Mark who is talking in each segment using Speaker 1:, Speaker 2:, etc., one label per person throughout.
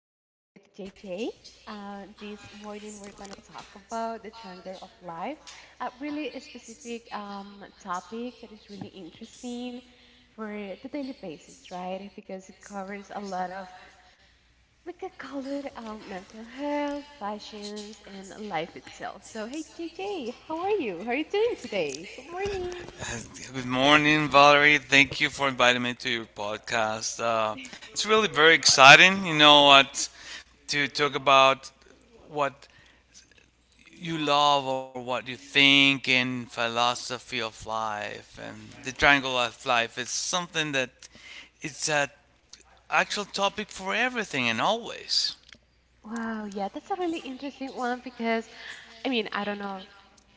Speaker 1: are with JJ. This morning we're going to talk about the triangle of life, a really specific topic that is really interesting for the daily basis, right? Because it covers a lot of, we could call it mental health, fashions, and life itself. So, hey, JJ, how are you? How are you doing today? Good morning.
Speaker 2: Good morning, Valerie. Thank you for inviting me to your podcast. It's really very exciting, what to talk about what you love or what you think, and philosophy of life and the triangle of life. It's something that it's a actual topic for everything and always.
Speaker 1: Wow, yeah, that's a really interesting one because I mean, I don't know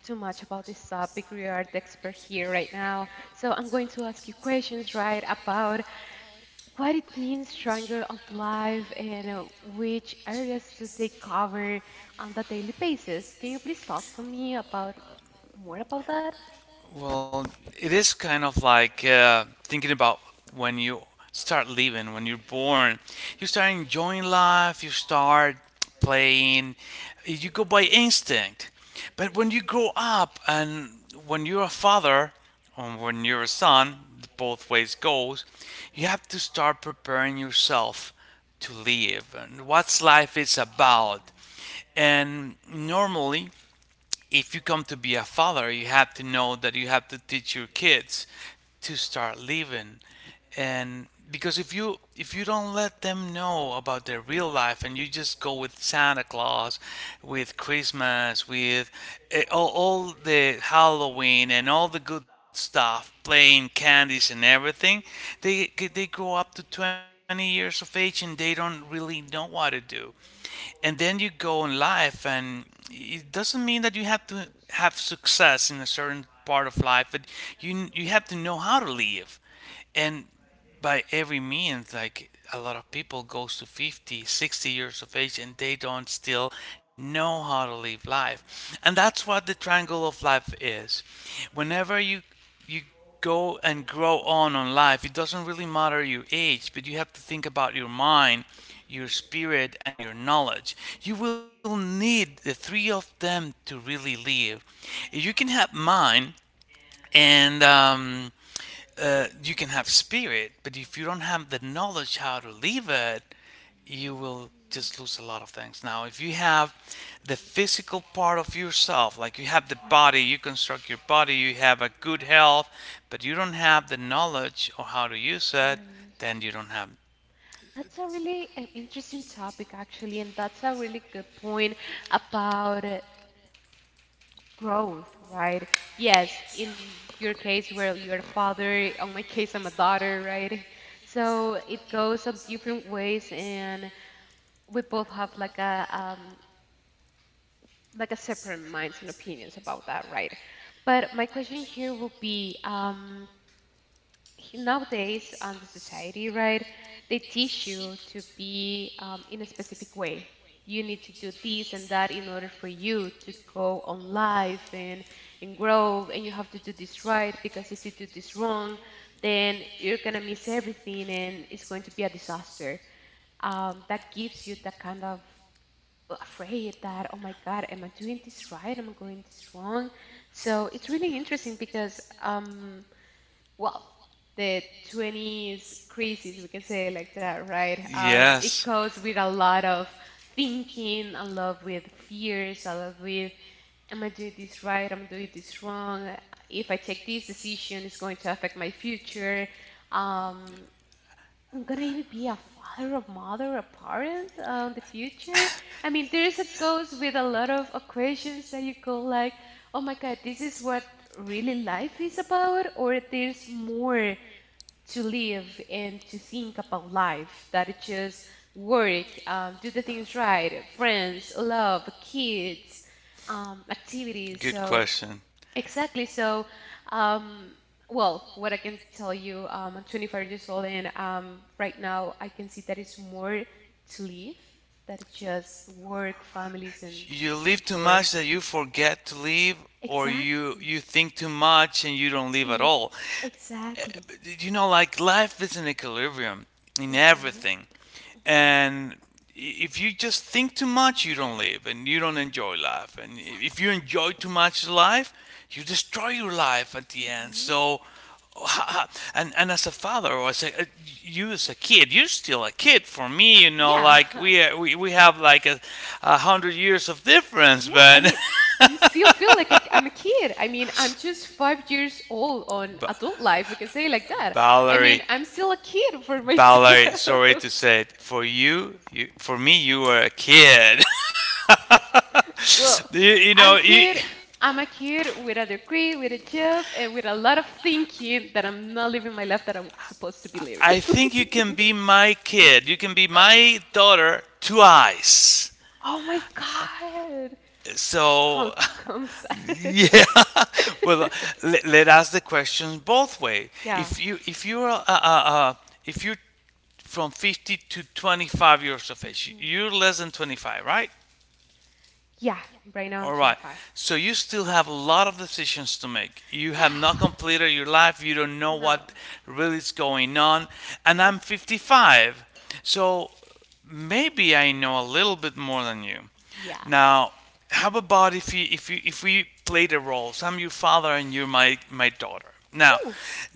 Speaker 1: too much about this topic. We are the expert here right now. So I'm going to ask you questions, right, about what it means triangle of life and which areas do they cover on the daily basis. Can you please talk to me about more about that?
Speaker 2: Well, it is kind of like thinking about when you start living. When you're born, you start enjoying life, you start playing, you go by instinct. But when you grow up and when you're a father or when you're a son, both ways goes, you have to start preparing yourself to live and what's
Speaker 1: How
Speaker 2: life is about. And normally, if you come to be a father, you have to know that you have to teach your kids to start living. And because if you don't let them know about their real life, and you just go with Santa Claus, with Christmas, with all the Halloween and all the good stuff, playing candies and everything, they they grow up to 20 years of age and they don't really know what to do. And then you go in life, and it doesn't mean that you have to have success in a certain part of life, but you have to know how to live. And by every means, like, a lot of people goes to 50, 60 years of age and they don't still know how to live life. And that's what the triangle of life is. Whenever you go and grow on life, it doesn't really matter your age, but you have to think about your mind, your spirit, and your knowledge. You will need the three of them to really live. If you can have mind and you can have spirit, but if you don't have the knowledge how to live it, you will just lose a lot of things. Now, if you have the physical part of yourself, like, you have the body, you construct your body, you have a good health, but you don't have the knowledge or how to use
Speaker 1: do
Speaker 2: it,
Speaker 1: you use it?
Speaker 2: then you don't have.
Speaker 1: That's a really interesting topic, actually, and that's a really good point about growth, right? Yes, in your case, where you're a father, on my case, I'm a daughter, right? So it goes on different ways, and we both have like a separate minds and opinions about that, right? But my question here will be, nowadays on the society, right, they teach you to be in a specific way. You need to do this and that in order for you to go on life and grow, and you have to do this right because if you do this wrong, then you're gonna miss everything and it's going to be a disaster. That gives you that kind of afraid that, oh my God, am I doing this right? Am I going this wrong? So it's really interesting because well, the 20s crisis, we can say it like that, right? It
Speaker 2: Yes,
Speaker 1: goes with a lot of thinking, a lot with fears, a lot with, am I doing this right? Am I doing this wrong? If I take this decision, it's going to affect my future. Um, I'm gonna even be a father, a mother, a parent in the future. I mean, there is a goes with a lot of questions that you go like, oh my God, this is what really life is about, or there's more to live and to think about life that it's just work, do the things right, friends, love, kids, activities.
Speaker 2: good
Speaker 1: So
Speaker 2: question.
Speaker 1: exactly. So, um, well, what I can tell you, I'm 25 years old, and right now I can see that it's more to live than just work, families, and
Speaker 2: You live too
Speaker 1: enjoy.
Speaker 2: much that you forget to live, or you
Speaker 1: Exactly.
Speaker 2: you think too much and you don't live at
Speaker 1: If,
Speaker 2: all
Speaker 1: exactly.
Speaker 2: you know, Like, life is an equilibrium in
Speaker 1: Hmm.
Speaker 2: everything. And if you just think too much, you don't live and you don't enjoy life. And
Speaker 1: Exactly.
Speaker 2: if you enjoy too much life, you destroy your life at the end.
Speaker 1: Hmm.
Speaker 2: So, and as a father, or as a, you as a kid, you're still a kid for me,
Speaker 1: Yeah.
Speaker 2: like, we have like a hundred years of difference,
Speaker 1: Yeah, I
Speaker 2: but,
Speaker 1: mean, I'm still feel like a, I'm a kid. I mean, I'm just 5 years old on adult life. We can say it like that. I
Speaker 2: Valerie.
Speaker 1: mean, I'm still a kid for right, so
Speaker 2: Valerie, sorry
Speaker 1: myself.
Speaker 2: to say it, you for me, you were a kid.
Speaker 1: Well,
Speaker 2: you, you know,
Speaker 1: I'm
Speaker 2: you,
Speaker 1: kid. I'm a kid with a degree, with a job, and with a lot of thinking that I'm not living my life that I'm supposed to be living.
Speaker 2: I think you can be my kid. You can be my daughter twice.
Speaker 1: Oh my God. How
Speaker 2: So,
Speaker 1: comes that?
Speaker 2: yeah. Well, let us the question both way.
Speaker 1: Yeah.
Speaker 2: If you if you're from 50 to 25 years of age,
Speaker 1: Mhm.
Speaker 2: you're less than 25, right?
Speaker 1: Yeah, right now I'm
Speaker 2: All right.
Speaker 1: 25.
Speaker 2: So you still have a lot of decisions to make. You have not
Speaker 1: Yeah.
Speaker 2: completed your life. You don't know what
Speaker 1: No.
Speaker 2: really is going on. And
Speaker 1: No.
Speaker 2: I'm 55. So maybe I know a little bit more than you.
Speaker 1: Yeah.
Speaker 2: Now, how about if we play the roles? I'm your father and you're my daughter. Now,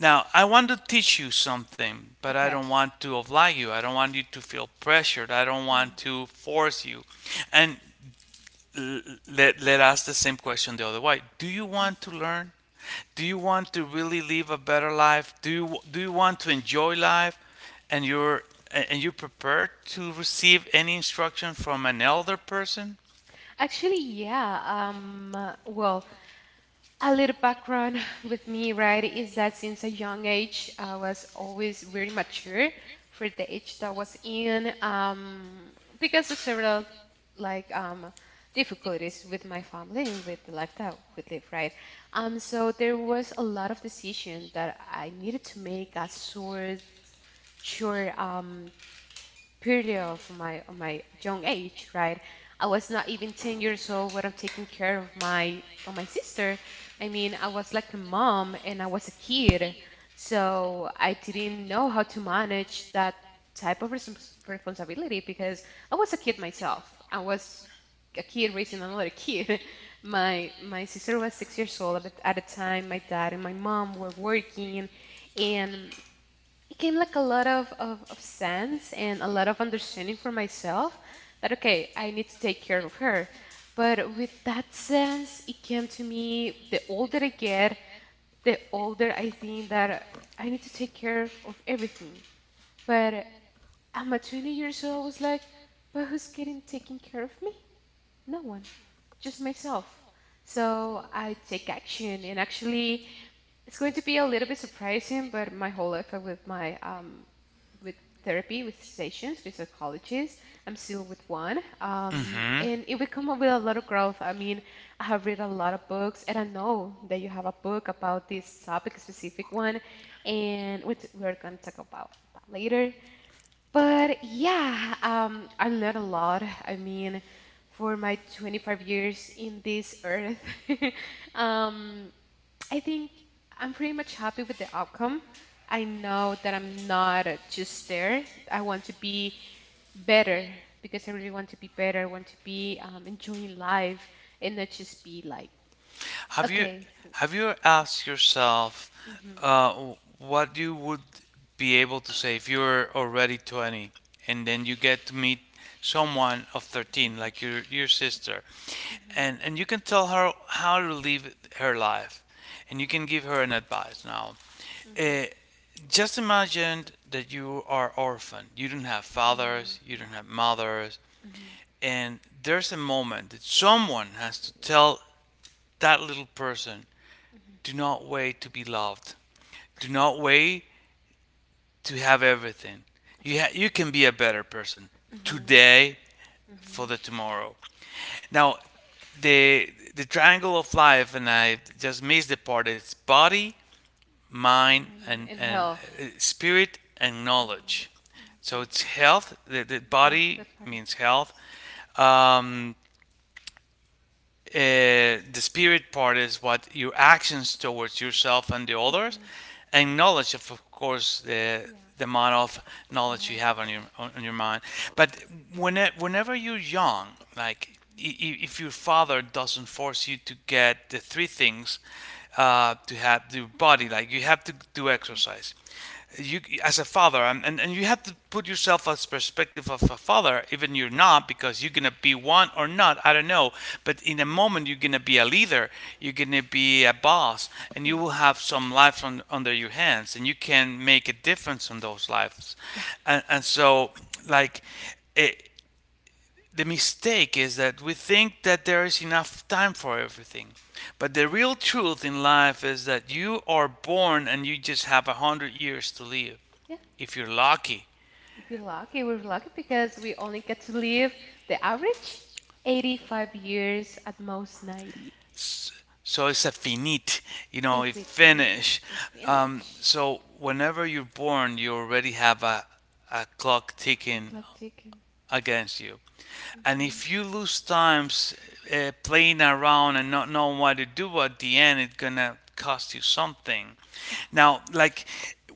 Speaker 2: now I want to teach you something, but I
Speaker 1: Okay.
Speaker 2: don't want to oblige you. I don't want you to feel pressured. I don't
Speaker 1: No.
Speaker 2: want to force you. And let ask the same question the other way. Do you want to learn? Do you want to really live a better life? Do you want to enjoy life? And you prepared to receive any instruction from an elder person?
Speaker 1: Actually, yeah. Well, a little background with me, right, is that since a young age, I was always very mature for the age that I was in, because of several like difficulties with my family and with the life that we live, right? So there was a lot of decision that I needed to make as sure period of my young age, right? I was not even 10 years old when I'm taking care of my sister. I mean, I was like a mom and I was a kid, so I didn't know how to manage that type of responsibility because I was a kid myself. I was a kid raising another kid. My sister was 6 years old at the time. My dad and my mom were working, and it came like a lot of sense and a lot of understanding for myself that okay, I need to take care of her, but with that sense it came to me the older I get the older I think that I need to take care of everything, but I'm at 20 years old I was like but who's getting taking care of me? No one, just myself. So I take action, and actually it's going to be a little bit surprising, but my whole life with my with therapy, with sessions, with psychologists, I'm still with one,
Speaker 2: Mm-hmm.
Speaker 1: and it will come up with a lot of growth. I mean, I have read a lot of books, and I know that you have a book about this topic, specific one, and which we're going to talk about that later. But yeah, I learned a lot. I mean, for my 25 years in this earth, um, I think I'm pretty much happy with the outcome. I know that I'm not just there. I want to be better because I really want to be better. I want to be enjoying life and not just be like,
Speaker 2: Have you
Speaker 1: okay, I think.
Speaker 2: have you asked yourself
Speaker 1: Hmm. Hmm.
Speaker 2: uh, what you would be able to say if you were already 20, and then you get to meet someone of 13, like
Speaker 1: Hmm.
Speaker 2: your sister, and you can tell her how to live her life and you can give her an advice. Now,
Speaker 1: Hmm. Hmm.
Speaker 2: uh, just imagine that you are orphaned, you don't have fathers, you don't have mothers,
Speaker 1: Hmm.
Speaker 2: and there's a moment that someone has to tell that little person: do
Speaker 1: Hmm.
Speaker 2: not wait to be loved. Do not wait to have everything. You, ha-
Speaker 1: Exactly.
Speaker 2: you can be a better person
Speaker 1: Hmm. Hmm.
Speaker 2: today for the tomorrow. Now, the, triangle of life, and I just missed the part, it's body, mind,
Speaker 1: Mind
Speaker 2: and,
Speaker 1: and
Speaker 2: and
Speaker 1: health.
Speaker 2: uh, spirit and
Speaker 1: And
Speaker 2: knowledge.
Speaker 1: health.
Speaker 2: So
Speaker 1: Mhm.
Speaker 2: it's health, the
Speaker 1: Health,
Speaker 2: body
Speaker 1: the body.
Speaker 2: means health. Um, the spirit part is what your actions towards yourself and the others,
Speaker 1: Hmm.
Speaker 2: and knowledge, of course, the
Speaker 1: Yeah,
Speaker 2: the amount of knowledge you
Speaker 1: tomorrow
Speaker 2: have
Speaker 1: for sure.
Speaker 2: on your mind. But whenever you're young, like, if your father doesn't force you to get the three things to have your body, like, you have to do exercise. You, as a father, and, you have to put yourself as perspective of a father, even you're not, because you're gonna be one or not, I don't know. But in a moment you're gonna be a leader, you're gonna be a boss, and you
Speaker 1: Hmm.
Speaker 2: will have some lives under your hands, and you can make a difference on those lives.
Speaker 1: Yeah,
Speaker 2: And so, like it, the mistake is that we think that there is enough time for everything. But the real truth in life is that you are born and you just have 100 years to live,
Speaker 1: yeah.
Speaker 2: if you're lucky.
Speaker 1: If you're lucky, we're lucky because we only get to live the average 85 years, at most 90.
Speaker 2: So it's a finite, it
Speaker 1: If we need,
Speaker 2: finish.
Speaker 1: if we finish.
Speaker 2: So whenever you're born, you already have a clock
Speaker 1: We're
Speaker 2: ticking
Speaker 1: clock ticking.
Speaker 2: against you. And if
Speaker 1: Hmm.
Speaker 2: you lose times playing around and not knowing what to do at the end, it's gonna cost you something.
Speaker 1: Yeah.
Speaker 2: Now, like,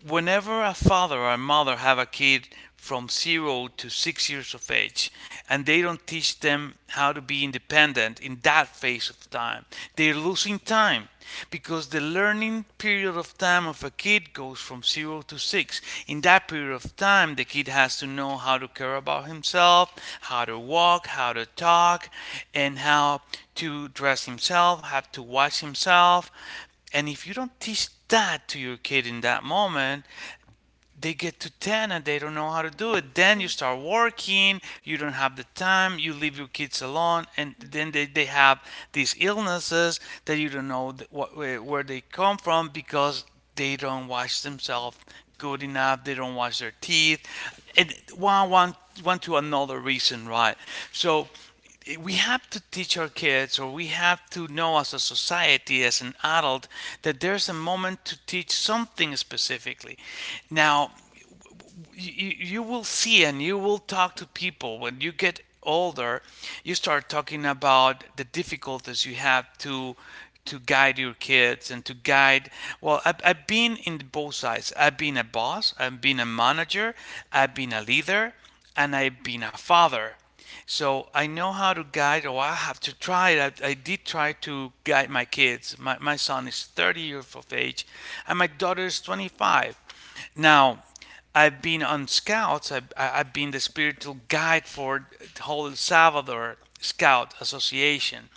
Speaker 2: whenever a father or a mother have a kid from 0 to 6 years of age and they don't teach them how to be independent in that phase of time, they're losing time, because the learning period of time of a kid goes from 0 to 6. In
Speaker 1: Six.
Speaker 2: that period of time, the kid has to know how to care about himself, how to walk, how to talk, and how to dress himself, how to wash himself. And if you don't teach that to your kid in that moment, they get to 10 and they don't know how to do
Speaker 1: Mm.
Speaker 2: it.
Speaker 1: That's
Speaker 2: Then you
Speaker 1: right.
Speaker 2: start working, you don't have the time, you leave your kids alone, and then they,
Speaker 1: Hmm.
Speaker 2: they have these illnesses that you don't know where they come from, because they don't wash themselves good enough, they don't wash their teeth, and one to another reason, right? So we have to teach our kids, or we have to know as a society, as an adult, that there's a moment to teach something specifically. Now, you will see, and you will talk to people. When you get older, you start talking about the difficulties you have to guide your kids and to guide. Well, I've been in both sides. I've been a boss, I've been a manager, I've been a leader, and I've been a father, so I know how to guide, or I have to try it. I did try to guide my kids. My son is 30 years of age and my daughter is 25. Now I've been on scouts. I have been the spiritual guide for the whole El Salvador Scout Association.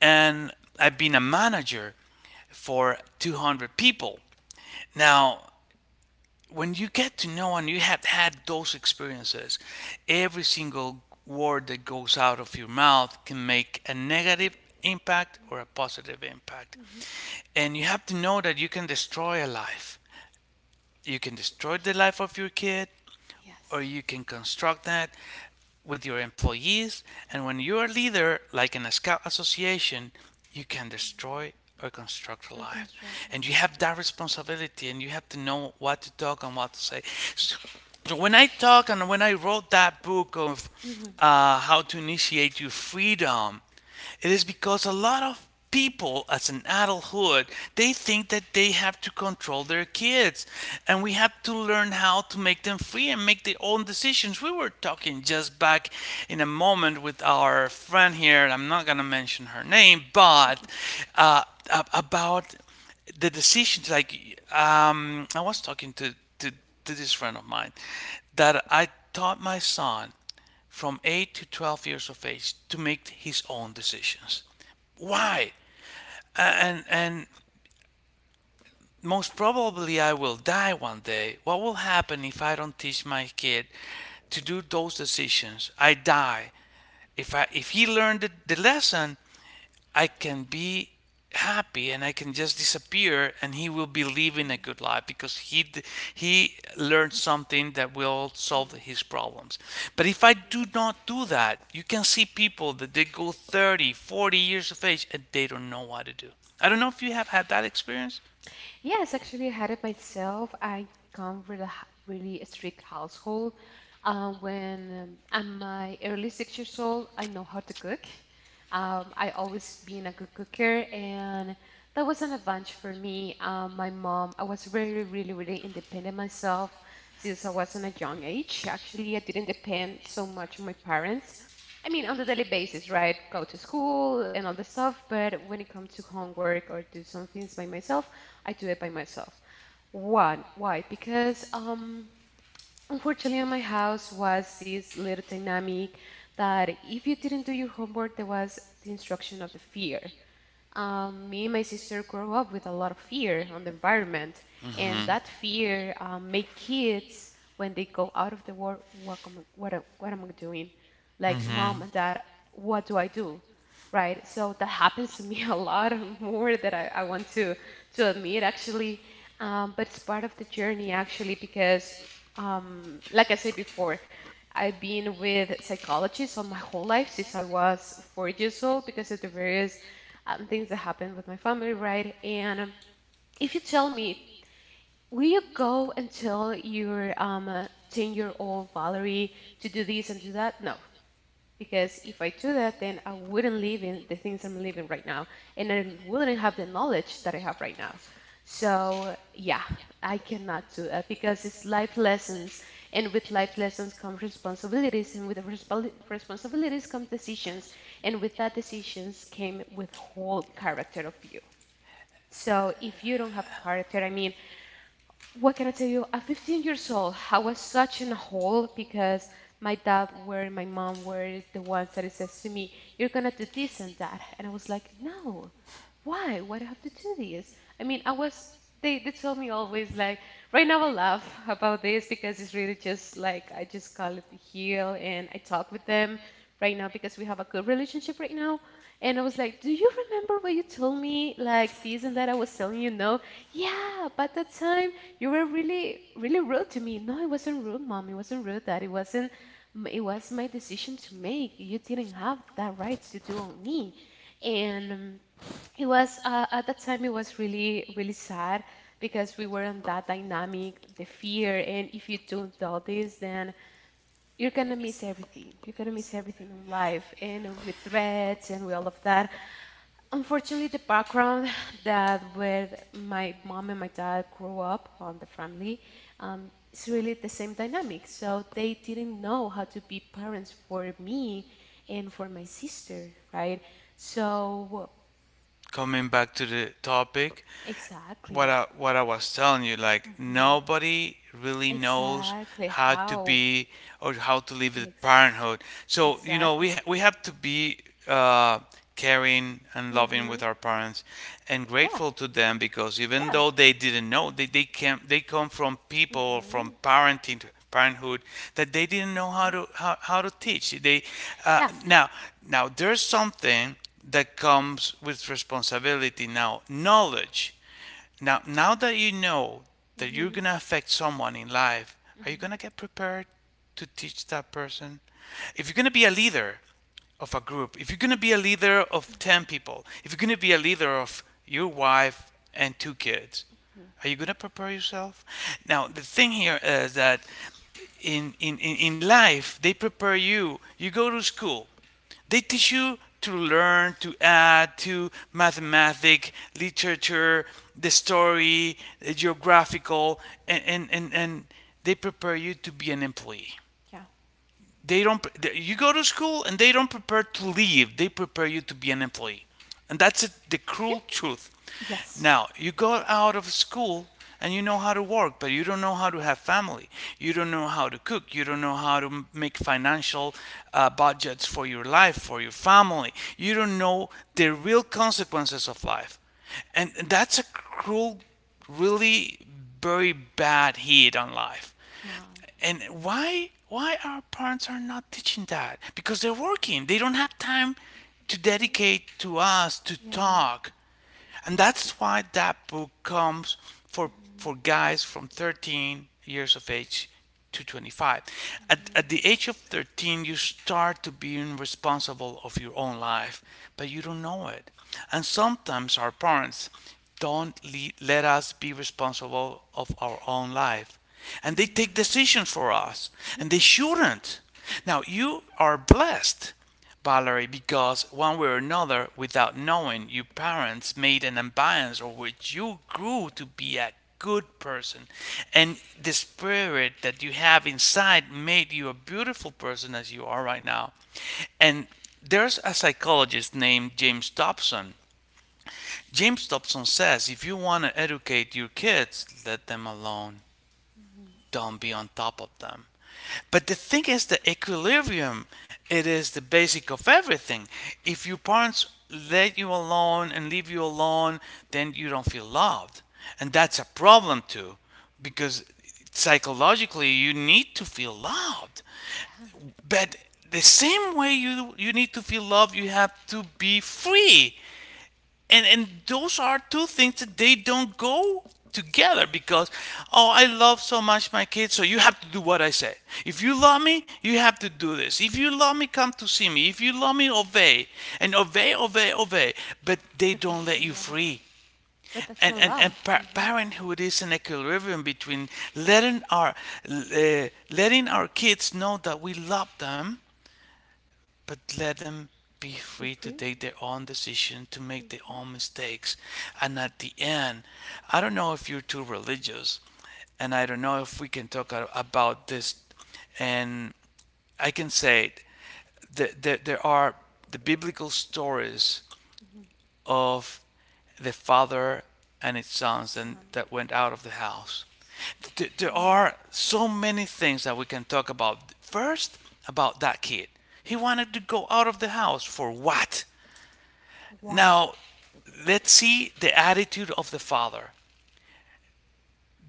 Speaker 2: And I've been a manager for 200 people. Now, when you get to know and you have had those experiences, every single word that goes out of your mouth can make a negative impact or a positive impact.
Speaker 1: Hmm. Hmm.
Speaker 2: And you have to know that you can destroy a life. You can destroy the life of your kid,
Speaker 1: Yes.
Speaker 2: or you can construct that with your employees. And when you're a leader, like in a scout association, you can destroy or construct
Speaker 1: And
Speaker 2: life.
Speaker 1: construct the
Speaker 2: And you
Speaker 1: life.
Speaker 2: have that responsibility, and you have to know what to talk and what to say. So, so when I talk and when I wrote that book of
Speaker 1: Mhm. Mhm.
Speaker 2: how to initiate your freedom, it is because a lot of people as an adulthood, they think that they have to control their kids, and we have to learn how to make them free and make their own decisions. We were talking just back in a moment with our friend here, and I'm not going to mention her name, but uh, about the decisions, like I was talking to this friend of mine that I taught my son from 8 to 12 years of age to make his own decisions. Why? And most probably I will die one day. What will happen if I don't teach my kid to do those decisions? I die. If he learned the lesson, I can be happy and I can just
Speaker 1: Mhm.
Speaker 2: disappear, and he will be living a good life because he learned something that will
Speaker 1: Mhm. From
Speaker 2: solve
Speaker 1: it.
Speaker 2: his problems. But if I do not do that, you can see people that they go 30, 40 years of age and they don't know what to do. I don't know if you have had that experience.
Speaker 1: Yes, actually, I had it myself. I come from a really strict household. When I'm my early 6 years old, I know how to cook. I always been a good cooker, and that was an advantage for me. My mom, I was really independent myself since I was in a young age. Actually, I didn't depend so much on my parents. I mean, on the daily basis, right? Go to school and all the stuff, but when it comes to homework or do some things by myself, I do it by myself. One, why? Because unfortunately, in my house was this little dynamic that if you didn't do your homework, there was the instruction of the fear. Me and my sister grow up with a lot of fear on the environment, and that fear make kids when they go out of the world, what am I, what am I doing? Like mom and dad, what do I do? Right? So that happens to me a lot more than I want to admit, actually, but it's part of the journey, actually, because like I said before, I've been with psychology so my whole life since I was 4 years old because of the various things that happened with my family, right? And if you tell me, will you go and tell your 10-year-old Valerie to do this and do that? No. Because if I do that, then I wouldn't live in the things I'm living right now, and I wouldn't have the knowledge that I have right now. So, yeah, I cannot do that because it's life lessons, and with life lessons come responsibilities, and with the responsibilities come decisions, and with that decisions came with whole character of you. So if you don't have character, I mean, what can I tell you? At 15 years old, I was such in a hole because my dad were and my mom were the ones that says to me, "You're gonna do this and that," and I was like, "No, why? Why do I have to do this?" I mean, I was. They told me always like, right now I laugh about this because it's really just like I just call it the heel, and I talk with them right now because we have a good relationship right now. And I was like, "Do you remember what you told me like this and that?" I was telling you no. Yeah, but that time you were really rude to me. No, it wasn't rude, mom. It wasn't rude. That it wasn't. It was my decision to make. You didn't have that right to do on me. And it was at that time. It was really sad because we were on that dynamic, the fear. And if you don't do this, then you're gonna miss everything. You're gonna miss everything in life, and with threats and with all of that. Unfortunately, the background that with my mom and my dad grew up on the family, it's really the same dynamic. So they didn't know how to be parents for me and for my sister, right? So
Speaker 2: Coming back to the topic,
Speaker 1: exactly.
Speaker 2: what I was telling you, like
Speaker 1: Hmm.
Speaker 2: nobody really knows
Speaker 1: Exactly.
Speaker 2: how to
Speaker 1: How?
Speaker 2: be or how to live with
Speaker 1: Ex-
Speaker 2: parenthood. So you know we ha-
Speaker 1: exactly.
Speaker 2: we have to be uh, caring and loving
Speaker 1: Hmm.
Speaker 2: with our parents and
Speaker 1: Yeah.
Speaker 2: grateful to them, because even
Speaker 1: Yeah.
Speaker 2: though they didn't know, they come from people, from
Speaker 1: Hmm.
Speaker 2: parenting parenthood that they didn't know how to
Speaker 1: Hmm.
Speaker 2: how, how to teach they. uh,
Speaker 1: Yeah.
Speaker 2: now now there's something that comes with responsibility, now knowledge, now that you know that you're
Speaker 1: Hmm.
Speaker 2: going to affect someone in life, are you
Speaker 1: Hmm.
Speaker 2: going to get prepared to teach that person? If you're going to be a leader of a group, if you're going to be a leader of 10 people, if you're going to be a leader of your wife and two kids, are you going to prepare yourself? Now, the thing here is that in life, they prepare you. You go to school, they teach you to learn, to add, to mathematics, literature, the story, the geographical, and they prepare you to be an employee.
Speaker 1: Yeah.
Speaker 2: They don't You go to school and they don't prepare to leave, they prepare you to be an employee, and that's
Speaker 1: That's.
Speaker 2: it, the
Speaker 1: Yeah.
Speaker 2: cruel truth.
Speaker 1: Yes.
Speaker 2: Now you go out of school and you know how to work, but you don't know how to have family, you don't know how to cook, you don't know how to make financial budgets for your life, for your family. You don't know the real consequences of life, and
Speaker 1: Yeah.
Speaker 2: that's a
Speaker 1: Dedicated.
Speaker 2: cruel, really very bad hit on life. And why our parents are not teaching that? Because they're working, they don't have time to dedicate to us, to
Speaker 1: Yeah. God.
Speaker 2: talk. And that's why that book comes for
Speaker 1: Mhm.
Speaker 2: for guys from 13 years of age to 25. At
Speaker 1: Mhm.
Speaker 2: the age of 13 you start to being responsible of your own life, but you don't know it. And sometimes our parents don't let us be responsible of our own life, and they take decisions for us, and they
Speaker 1: Mhm.
Speaker 2: shouldn't. Now you are blessed, Valerie, because one way or another, without knowing, your parents made an ambiance or which you grew to be a good person, and the spirit that you have inside made you a beautiful person as you are right now. And there's a psychologist named James Dobson. James Dobson says, if you want to educate your kids, let them alone,
Speaker 1: Mhm.
Speaker 2: don't be on top of them. But the thing is the equilibrium, it is the basic of everything. If your parents let you alone and leave you alone, then you don't feel loved. And that's a problem too, because psychologically you need to feel loved.
Speaker 1: Yeah.
Speaker 2: But the same way you need to feel loved, you have to be free, and those are two things that they don't go together. Because, oh, I love so much my kids, so you have to do what I say. If you love me, you have to do this. If you love me, come to see me. If you love me, obey and obey, obey, obey. But they
Speaker 1: But
Speaker 2: don't
Speaker 1: that's
Speaker 2: let you
Speaker 1: not love.
Speaker 2: free.
Speaker 1: But that's
Speaker 2: and
Speaker 1: not
Speaker 2: and,
Speaker 1: love.
Speaker 2: and
Speaker 1: Hmm.
Speaker 2: parenthood is an equilibrium between letting uh, our kids know that we love them, but let them be
Speaker 1: Be
Speaker 2: free to
Speaker 1: free. Make.
Speaker 2: take their own decision, to make their
Speaker 1: Hmm.
Speaker 2: own mistakes. And at the end, I don't know if you're too religious, and I don't know if we can talk about this. And I can say that there are the biblical stories
Speaker 1: Hmm.
Speaker 2: of the father and his sons and
Speaker 1: Son.
Speaker 2: that went out of the house. There
Speaker 1: Mm.
Speaker 2: are so many things that we can talk about. First, about that kid. He wanted to go out of the house for what?
Speaker 1: Why?
Speaker 2: Now, let's see the attitude of the father.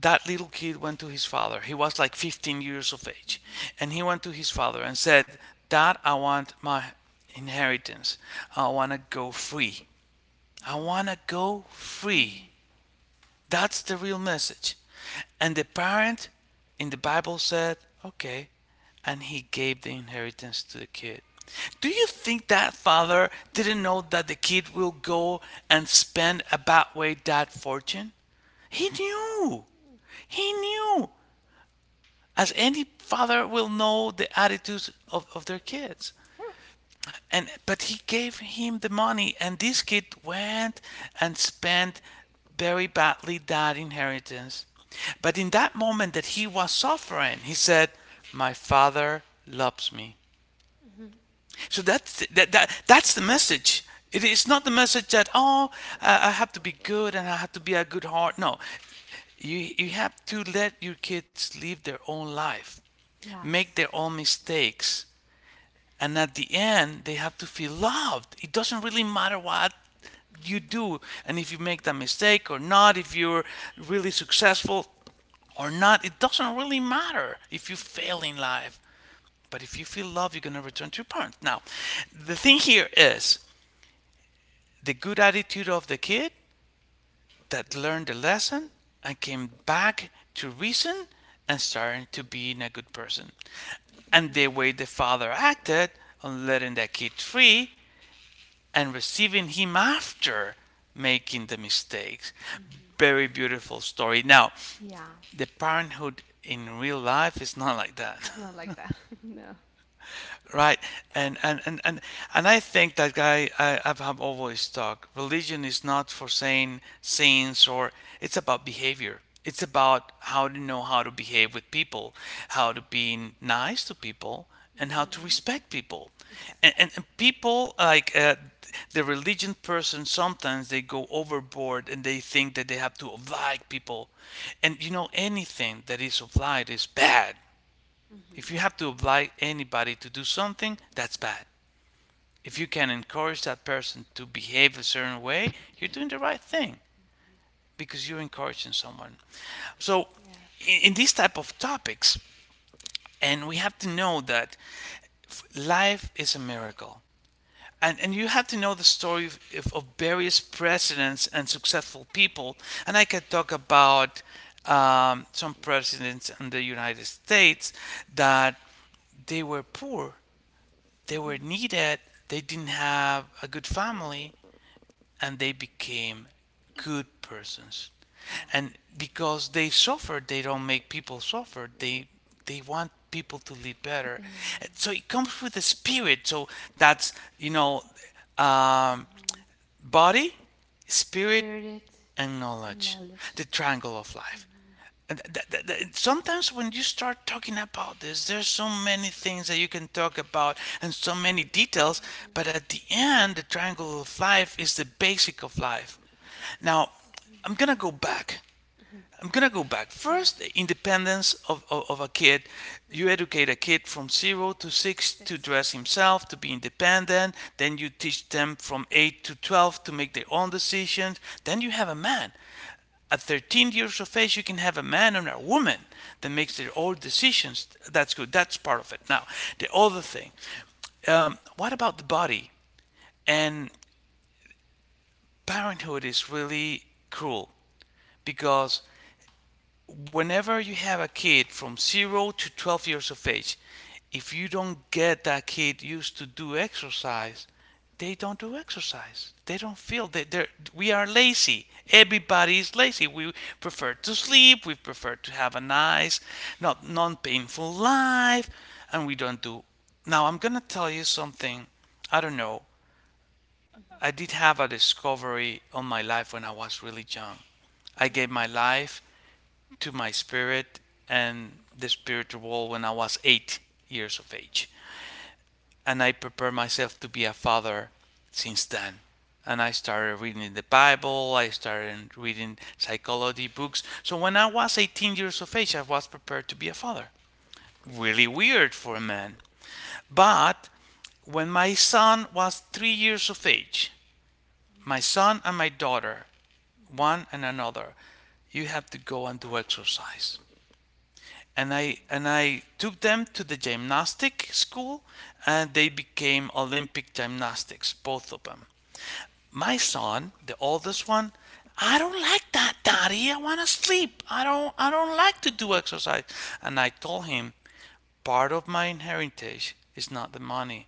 Speaker 2: That little kid went to his father. He was like 15 years of age.
Speaker 1: Mhm.
Speaker 2: And he went to his father and said, Dad, I want my inheritance. I want to go free. I want
Speaker 1: Mhm.
Speaker 2: to go free.
Speaker 1: Free.
Speaker 2: That's the real message. And the parent in the Bible said, okay. And he gave the inheritance to the kid. Do you think that father didn't know that the kid will go and spend a bad way that fortune?
Speaker 1: Mhm.
Speaker 2: He knew.
Speaker 1: Yeah.
Speaker 2: He knew. As any father will know the attitudes of their kids. And but he gave him the money, and this kid went and spent very badly that inheritance. But in that moment that he was suffering, he said, my father loves me.
Speaker 1: Hmm.
Speaker 2: So that's that, that that's the message. It is not the message that, oh, I have to be good and I have to be a good heart. No, you have to let your kids live their own life, make
Speaker 1: Yes.
Speaker 2: their own mistakes. And at the end, they have to feel loved. It doesn't really matter what you
Speaker 1: Mhm.
Speaker 2: do, and if you make that mistake or not, if you're really successful or not, it doesn't really matter if you fail in life. But if you feel love, you're going to return to your parents. Now, the thing here is the good attitude of the kid that learned the lesson and came back to reason and started to being a good person. And the way the father acted on letting that kid free and receiving him after making the mistakes.
Speaker 1: Mhm.
Speaker 2: Very beautiful story. Now,
Speaker 1: Yeah,
Speaker 2: the parenthood in real life is not like that.
Speaker 1: it's not like that. No,
Speaker 2: Right,
Speaker 1: it's
Speaker 2: and
Speaker 1: not.
Speaker 2: and and and, and I think that guy, I've always talked. Religion is not for saying sins or it's about behavior. It's about how to know how to behave with people, how to
Speaker 1: Okay.
Speaker 2: be nice to people, and how to
Speaker 1: Mhm.
Speaker 2: respect people.
Speaker 1: Exactly.
Speaker 2: And people like the religion person sometimes they go overboard, and they think that they have to oblige people, and anything that is obliged is bad. If
Speaker 1: Mhm.
Speaker 2: you have to oblige anybody to do something, that's bad. If you can encourage that person to behave a certain way, you're doing the right thing, because you're encouraging someone. So,
Speaker 1: Yeah.
Speaker 2: in these type of topics, and we have to know that life is a miracle. And you have to know the story of various presidents and successful people. And I can talk about some presidents in the United States that they were poor, they were
Speaker 1: Mhm.
Speaker 2: needed, they didn't have a good family, and they became good persons.
Speaker 1: Yeah.
Speaker 2: And because they suffered, they don't make people suffer. They want people to live
Speaker 1: To be
Speaker 2: better.
Speaker 1: in
Speaker 2: So
Speaker 1: love.
Speaker 2: it comes with the spirit. So that's um,
Speaker 1: Mhm.
Speaker 2: body, spirit,
Speaker 1: Spirit
Speaker 2: and
Speaker 1: and
Speaker 2: knowledge,
Speaker 1: knowledge.
Speaker 2: the triangle of life.
Speaker 1: Mhm.
Speaker 2: And sometimes when you start talking about this, there's so many things that you can talk about and so many details, but
Speaker 1: Mhm.
Speaker 2: at the end, the triangle of life is the basic of life. Now, I'm
Speaker 1: Mhm.
Speaker 2: gonna go back.
Speaker 1: Mhm.
Speaker 2: I'm gonna go back. First, the independence of a kid. You
Speaker 1: Mhm.
Speaker 2: educate a kid from 0 to 6 to
Speaker 1: Six.
Speaker 2: dress himself, to be independent. Then you teach them from 8 to 12 to make their own decisions. Then you have a man at 13 years of age. You can have a man and a woman that makes their own decisions. That's good. That's part of it. Now, the other thing, what about the body? And parenthood is really cruel, because whenever you have a kid from 0 to 12 years of age, if you don't get that kid used to do exercise, they don't do exercise. They don't feel that we are lazy. Everybody is lazy. We prefer to sleep. We prefer to have a nice, not non-painful life, and we don't do. Now I'm gonna tell you something. I don't know. I
Speaker 1: Mhm.
Speaker 2: did have a discovery on my life when I was really young. I gave my
Speaker 1: Mhm.
Speaker 2: life to my spirit and the spiritual world when I was 8 years of age. And I prepared myself to be a father since then. And I started reading the Bible, I started reading psychology books. So when I was 18 years of age, I was prepared to be a father. Really weird for a man. But when my son was 3 years of age, my son and
Speaker 1: Mm-hmm.
Speaker 2: my daughter, one and
Speaker 1: Mm-hmm.
Speaker 2: another, you have to go and do exercise. And I took them to the gymnastic school and they became Olympic gymnastics, both of them. My son, the oldest one, "I don't like that, Daddy. I wanna sleep. I don't like to do exercise." And I told him, "Part of my inheritance is not the money,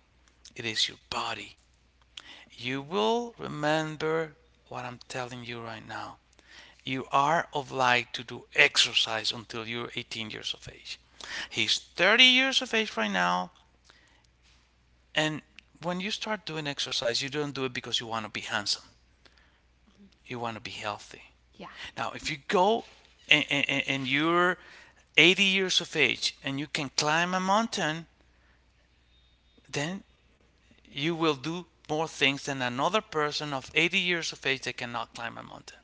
Speaker 2: it is your body. You will remember what I'm telling you right now. You are obliged to do exercise until you're 18 years of age." He's 30 years of age right now, and when you start doing exercise, you don't do it because you want to be handsome.
Speaker 1: Mm-hmm.
Speaker 2: You want to be healthy.
Speaker 1: Yeah.
Speaker 2: Now, if you go and you're 80 years of age and you can climb a mountain, then you will do more things than another person of 80 years of age that cannot climb a mountain.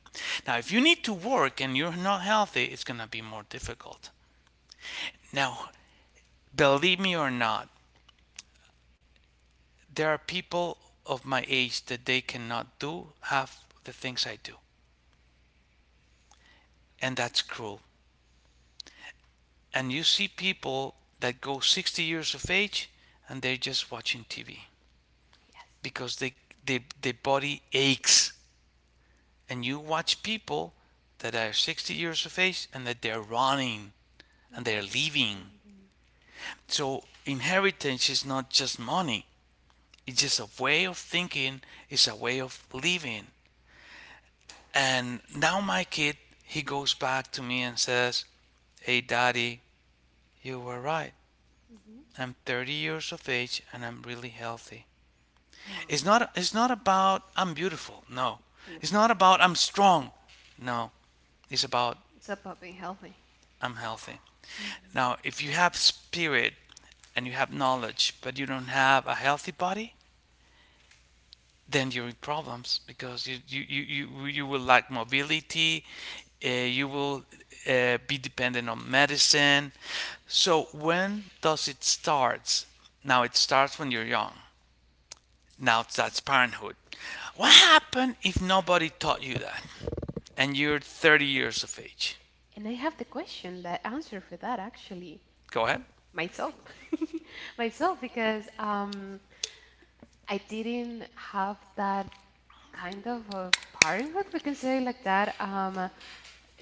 Speaker 2: Now, if you need to work and you're not healthy, it's going to be more difficult. Now, believe me or not, there are people of my age that they cannot do half the things I do. And that's cruel. And you see people that go 60 years of age and they're just watching TV
Speaker 1: Yes.
Speaker 2: because their body aches. And you watch people that are 60 years of age and that they're running and they're
Speaker 1: Mm-hmm.
Speaker 2: living.
Speaker 1: Okay.
Speaker 2: So inheritance is not just money. It's just a way of thinking. It's a way of living. And now my kid, he goes back to me and says, "Hey, Daddy, you were right.
Speaker 1: Mm-hmm.
Speaker 2: I'm 30 years of age and I'm really healthy.
Speaker 1: Wow.
Speaker 2: It's not about I'm beautiful. No.
Speaker 1: It's not.
Speaker 2: It's not about
Speaker 1: No.
Speaker 2: I'm strong. No. It's about
Speaker 1: It's about being healthy.
Speaker 2: I'm healthy."
Speaker 1: Mm-hmm.
Speaker 2: Now, if you have spirit and you have knowledge, but you don't have a healthy body, then you're in problems, because you will lack mobility. You will be dependent on medicine. So when does it start? Now, it starts when you're young. Now, that's parenthood. What happened if nobody taught you that and you're 30 years of age?
Speaker 1: And I have the question, the answer for that actually
Speaker 2: Go ahead.
Speaker 1: myself, because I didn't have that kind of a parenthood, we can say like that.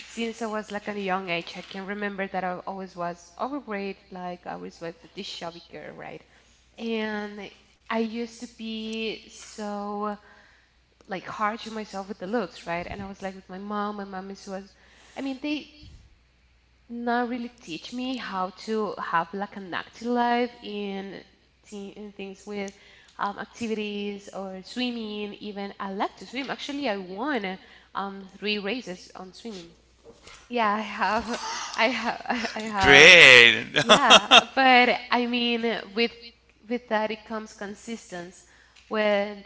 Speaker 1: Since I was like at a young age, I can remember that I always was overweight, like I always was the chubby girl, right? And I used to be so like hard to myself with the looks, right? And I was like with my mom is was, I mean, they not really teach me how to have like an active life in, in things with activities or swimming. Even I like to swim. Actually, I won three races on swimming. Yeah, I have. I have. I have.
Speaker 2: Great.
Speaker 1: Yeah, but I mean, with with that it comes consistency. When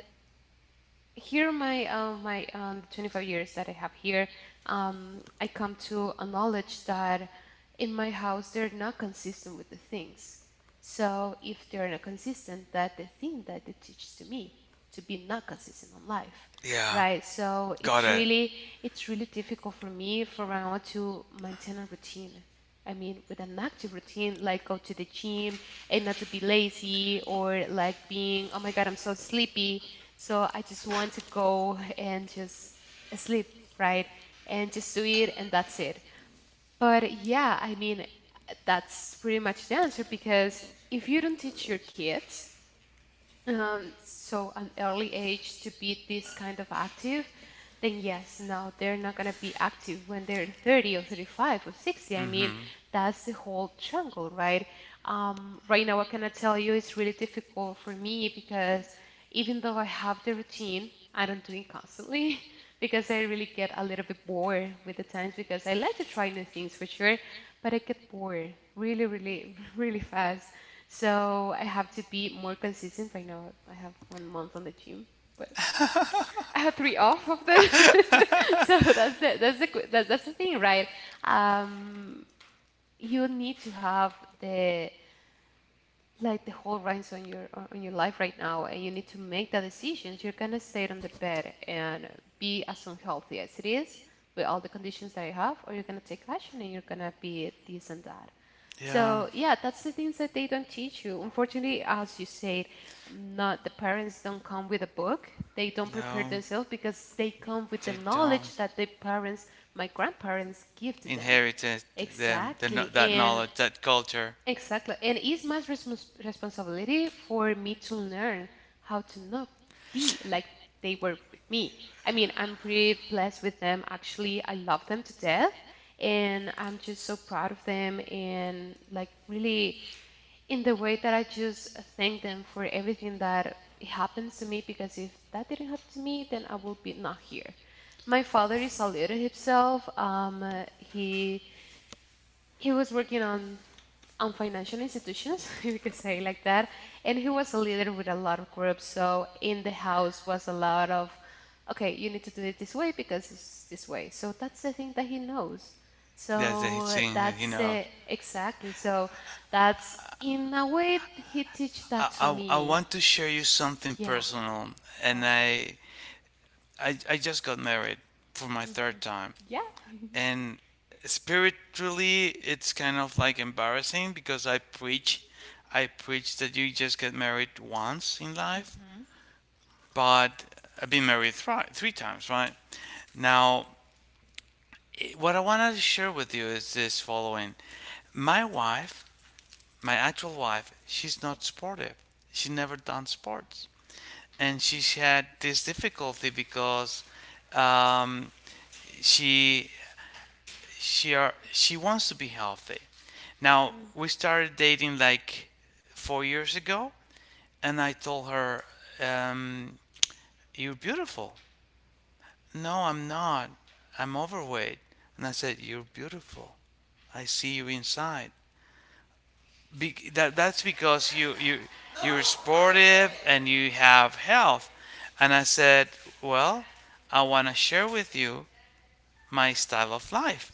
Speaker 1: here my 25 years that I have here, I come to a knowledge that in my house they're not consistent with the things. So if they're not consistent, that the thing that they teach to me to be not consistent on life,
Speaker 2: Yeah.
Speaker 1: right? So
Speaker 2: Got
Speaker 1: it's
Speaker 2: it.
Speaker 1: really it's really difficult for me for now to maintain a routine. I mean, with an active routine, like go to the gym and not to be lazy or like being, oh my God, I'm so sleepy so I just want to go and just sleep, right? And just do it and that's it. But yeah, I mean, that's pretty much the answer because if you don't teach your kids so an early age to be this kind of active, then yes, no, they're not going to be active when they're 30 or 35 or 60. I mean, that's the whole triangle, right? Right now, what can I tell you? It's really difficult for me because even though I have the routine, I don't do it constantly because I really get a little bit bored with the times because I like to try new things for sure, but I get bored really, really, really fast. So I have to be more consistent. Right now, I have 1 month on the gym, but I have three off of the. So that's the thing, right? Um, you need to have the like the whole reins on your life right now, and you need to make the decisions. You're gonna stay on the bed and be as unhealthy as it is with all the conditions that I have, or you're gonna take action and you're gonna be this and that.
Speaker 2: Yeah.
Speaker 1: So yeah, that's the things that they don't teach you. Unfortunately, as you said, not the parents don't come with a book. They don't prepare
Speaker 2: No,
Speaker 1: themselves because they come with the
Speaker 2: they
Speaker 1: knowledge
Speaker 2: don't
Speaker 1: that the parents, my grandparents, give to them.
Speaker 2: inherit it,
Speaker 1: Exactly.
Speaker 2: that
Speaker 1: And
Speaker 2: knowledge, that culture.
Speaker 1: exactly. And it's my responsibility for me to learn how to not be like they were with me. I mean, I'm pretty blessed with them. Actually, I love them to death. And I'm just so proud of them. And like, really, in the way that I just thank them for everything that happens to me, because if that didn't happen to me, then I would be not here. My father is a little himself. He was working on financial institutions, you could say like that. And he was a leader with a lot of groups. So in the house was a lot of, okay, you need to do it this way because it's this way. So that's the thing that he knows.
Speaker 2: That's the
Speaker 1: So
Speaker 2: thing. you
Speaker 1: that's
Speaker 2: know.
Speaker 1: the exactly. So that's in a way he teach
Speaker 2: I,
Speaker 1: that to
Speaker 2: I, I
Speaker 1: me.
Speaker 2: want to share you something
Speaker 1: Yeah.
Speaker 2: personal, and
Speaker 1: Why?
Speaker 2: I just got married for my
Speaker 1: Hmm.
Speaker 2: third time,
Speaker 1: Yeah.
Speaker 2: and spiritually it's kind of like embarrassing because I preach that you just get married once in life,
Speaker 1: Mm-hmm.
Speaker 2: but I've been married three times, right? Now, what I wanted to share with you is this following: my wife My actual wife, she's not sportive. She never done sports, and she had this difficulty because um, she she wants to be healthy. Now, we started dating like 4 years ago, and I told her, um, "You're beautiful." "No, I'm not. I'm overweight." And I said, "You're beautiful. I see you inside. That that's because you you're sportive and you have health." And I said, "Well, I want to share with you my style of life."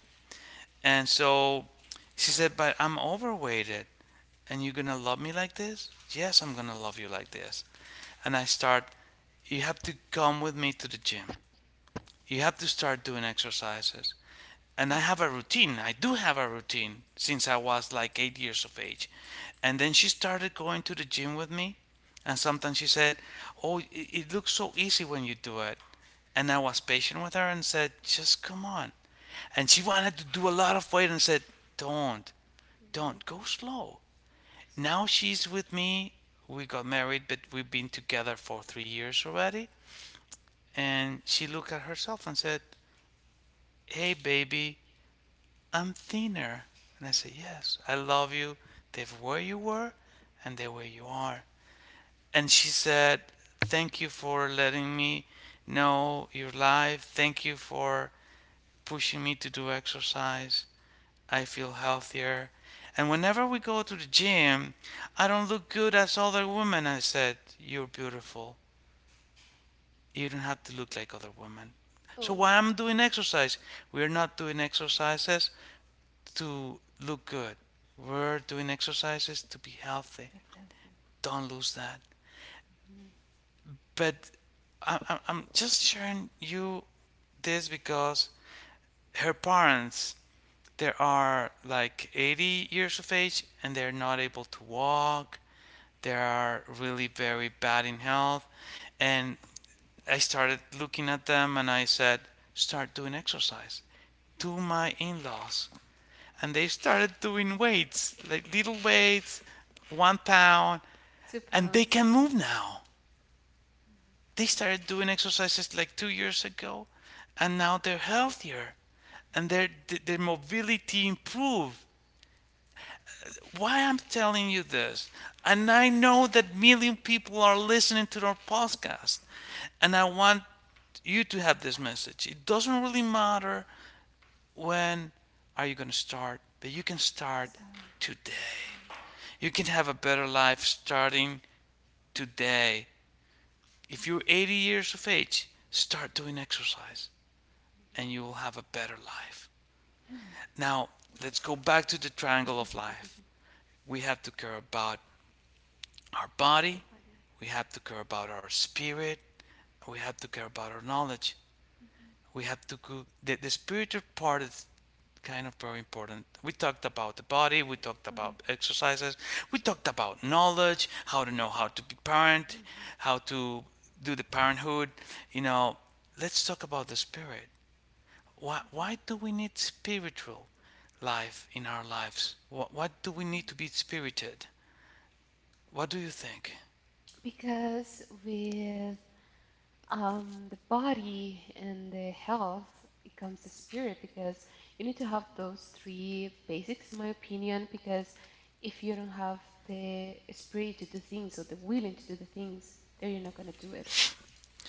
Speaker 2: And so she said, "But I'm overweighted, and you're gonna love me like this?" "Yes, I'm gonna love you like this. And I start. You have to come with me to the gym. You have to start doing exercises. And I have a routine. I do have a routine since I was like 8 years of age." And then she started going to the gym with me. And sometimes she said, "Oh, it looks so easy when you do it." And I was patient with her and said, "Just come on." And she wanted to do a lot of weight and said, Don't,
Speaker 1: Mm.
Speaker 2: don't, go slow." Now she's with me. We got married, but we've been together for 3 years already. And she looked at herself and said, "Hey, baby, I'm thinner." And I said, "Yes, I love you the way you were and the way you are." And she said, "Thank you for letting me know your life. Thank you for pushing me to do exercise. I feel healthier. And whenever we go to the gym, I don't look good as other women." I said, "You're beautiful. You don't have to look like other women." "So
Speaker 1: Oh,
Speaker 2: why am I doing exercise?" "We're not doing exercises to look good. We're doing exercises to be healthy.
Speaker 1: that's healthy.
Speaker 2: Don't lose that."
Speaker 1: Mhm.
Speaker 2: But I'm just sharing you this because her parents, they are like 80 years of age and they're not able to walk. They are really very bad in health. And I started looking at them and I said, "Start doing exercise" to my in-laws. And they started doing weights, like little weights, 1 pound,
Speaker 1: two
Speaker 2: and they
Speaker 1: pounds.
Speaker 2: can move now. They started doing exercises like 2 years ago, and now they're healthier, and their mobility improved. Why I'm telling you this, and I know that million people are listening to our podcast, and I want you to have this message. It doesn't really matter when are you going to start, but you can start
Speaker 1: Sarah,
Speaker 2: today.
Speaker 1: let's say.
Speaker 2: You can have a better life starting today. If you're 80 years of age, start doing exercise, and you will have a better life.
Speaker 1: Yeah,
Speaker 2: Now, let's go back to the triangle of life. We have to care about our body,
Speaker 1: body.
Speaker 2: we have to care about our spirit, we have to care about our knowledge.
Speaker 1: Hmm.
Speaker 2: We have to go, the spiritual part is kind of very important. We talked about the
Speaker 1: Body.
Speaker 2: body, we talked
Speaker 1: Mhm,
Speaker 2: about exercises, we talked about knowledge, how to know how to be parent, how to do the parenthood. You know, let's talk about the spirit. why,
Speaker 1: mhm,
Speaker 2: why do we need spiritual life in our lives? What do we need to
Speaker 1: mhm.
Speaker 2: be spirited? What do you think?
Speaker 1: Because with the body and the health, it comes the spirit because you need to have those three basics, in my opinion. Because if you don't have the spirit to do things or the willing to do the things, then you're not going to do it.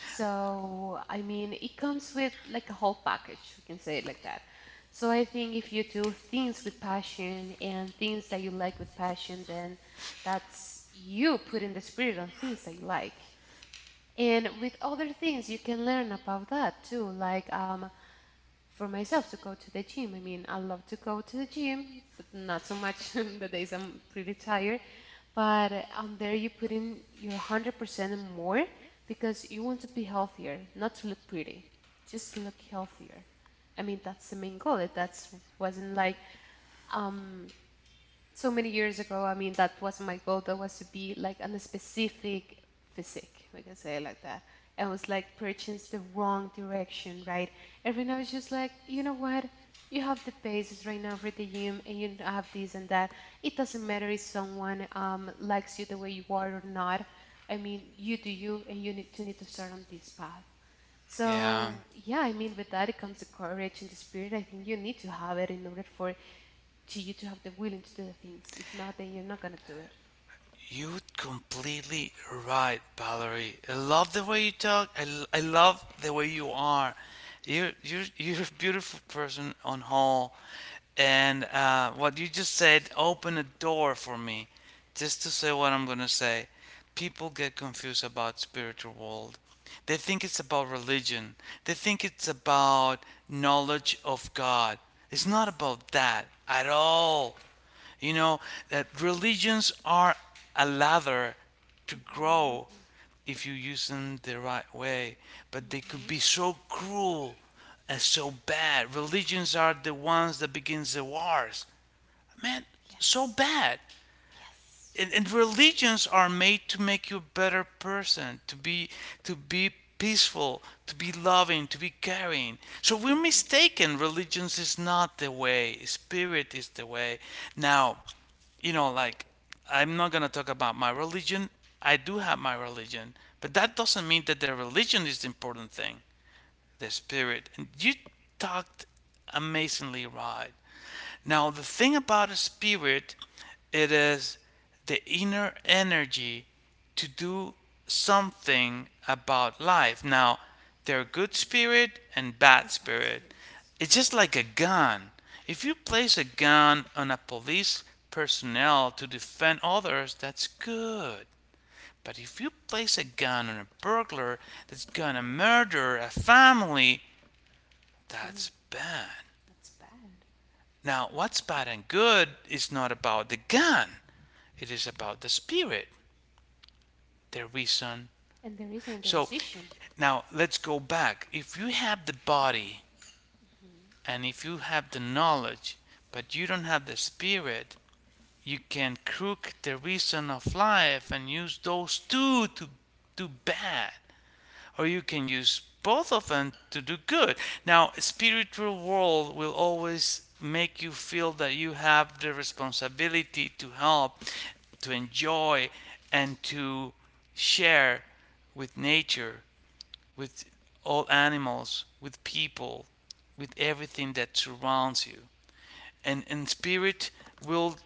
Speaker 1: So, I mean, it comes with like a whole package, we can say it like that. So, I think if you do things with passion and things that you like with passion, then that's you putting the spirit on things that you like. And with other things, you can learn about that too. Like, for myself to go to the gym, I mean, I love to go to the gym, but not so much the days I'm pretty tired. But on there you put in your 100% and more because you want to be healthier, not to look pretty, just to look healthier. I mean, that's the main goal. It that's wasn't like um so many years ago. I mean, that was my goal. That was to be like on a specific physique, we can say it like that. And I was like purchase the wrong direction, right? And right now it's just like, you know what? You have the basis right now for the gym, and you have this and that. It doesn't matter if someone likes you the way you are or not. I mean, you do you, and you need to start on this path.
Speaker 2: Yeah,
Speaker 1: So yeah, I mean, with that it comes the courage and the spirit. I think you need to have it in order for to you to have the willing to do the things. If not, then you're not going to do it.
Speaker 2: you're completely right, Valerie. I love the way you talk. I love the way you are. You're a beautiful person on whole. And what you just said opened a door for me just to say what I'm going to say. People get confused about spiritual world. They think it's about religion. They think it's about knowledge of God. It's not about that at all. You know, that religions are a ladder to grow if you use them the right way, but they could
Speaker 1: Mhm.
Speaker 2: be so cruel and so bad. Religions are the ones that begins the wars. Man, so
Speaker 1: Yes.
Speaker 2: bad.
Speaker 1: Yes.
Speaker 2: And religions are made to make you a better person, to be peaceful, to be loving, to be caring. So
Speaker 1: So
Speaker 2: we're
Speaker 1: we're mistaken.
Speaker 2: mistaken.
Speaker 1: Religion
Speaker 2: Religions
Speaker 1: is
Speaker 2: is
Speaker 1: not
Speaker 2: not the
Speaker 1: the
Speaker 2: way.
Speaker 1: way. Spirit
Speaker 2: Spirit
Speaker 1: is
Speaker 2: is
Speaker 1: the
Speaker 2: the way. Now, you know, like, I'm not going to talk about my religion. I do have my religion, but that doesn't mean that the religion is the important thing. The spirit. And you talked amazingly right now, the thing about a spirit, it is the inner energy to do something about life. Now, there are good spirit
Speaker 1: way.
Speaker 2: and
Speaker 1: And
Speaker 2: bad
Speaker 1: bad
Speaker 2: spirit.
Speaker 1: spirits.
Speaker 2: It's just like a gun. If you place a gun on a police personnel to defend others, that's good. But if you place a gun on a burglar that's gonna murder a family,
Speaker 1: That's wrong.
Speaker 2: that's bad.
Speaker 1: That's bad.
Speaker 2: Now, what's
Speaker 1: Yeah.
Speaker 2: bad and good is not about the gun, it is about the spirit, the reason.
Speaker 1: And the reason and the
Speaker 2: So
Speaker 1: decision
Speaker 2: now let's go back. If you have the body and if you have the knowledge, but you don't have the spirit, you can crook the reason of life and use those two to do bad, or you can use both of them to do good. Now, spiritual world will always make you feel that you have the responsibility to help, to enjoy, and to share with nature, with all animals, with people, with everything that surrounds you. And spirit will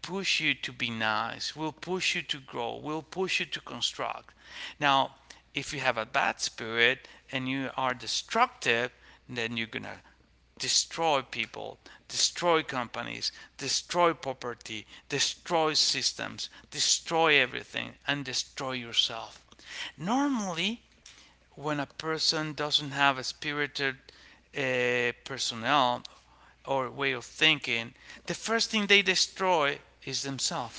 Speaker 2: push you to be nice, will push you to grow, will push you to construct. Now, if you have a bad spirit and you are destructive, then you're going to destroy people, destroy companies, destroy property, destroy systems, destroy everything, and destroy yourself. Normally, when a person doesn't have a spirited personnel or way of thinking, the first thing they destroy is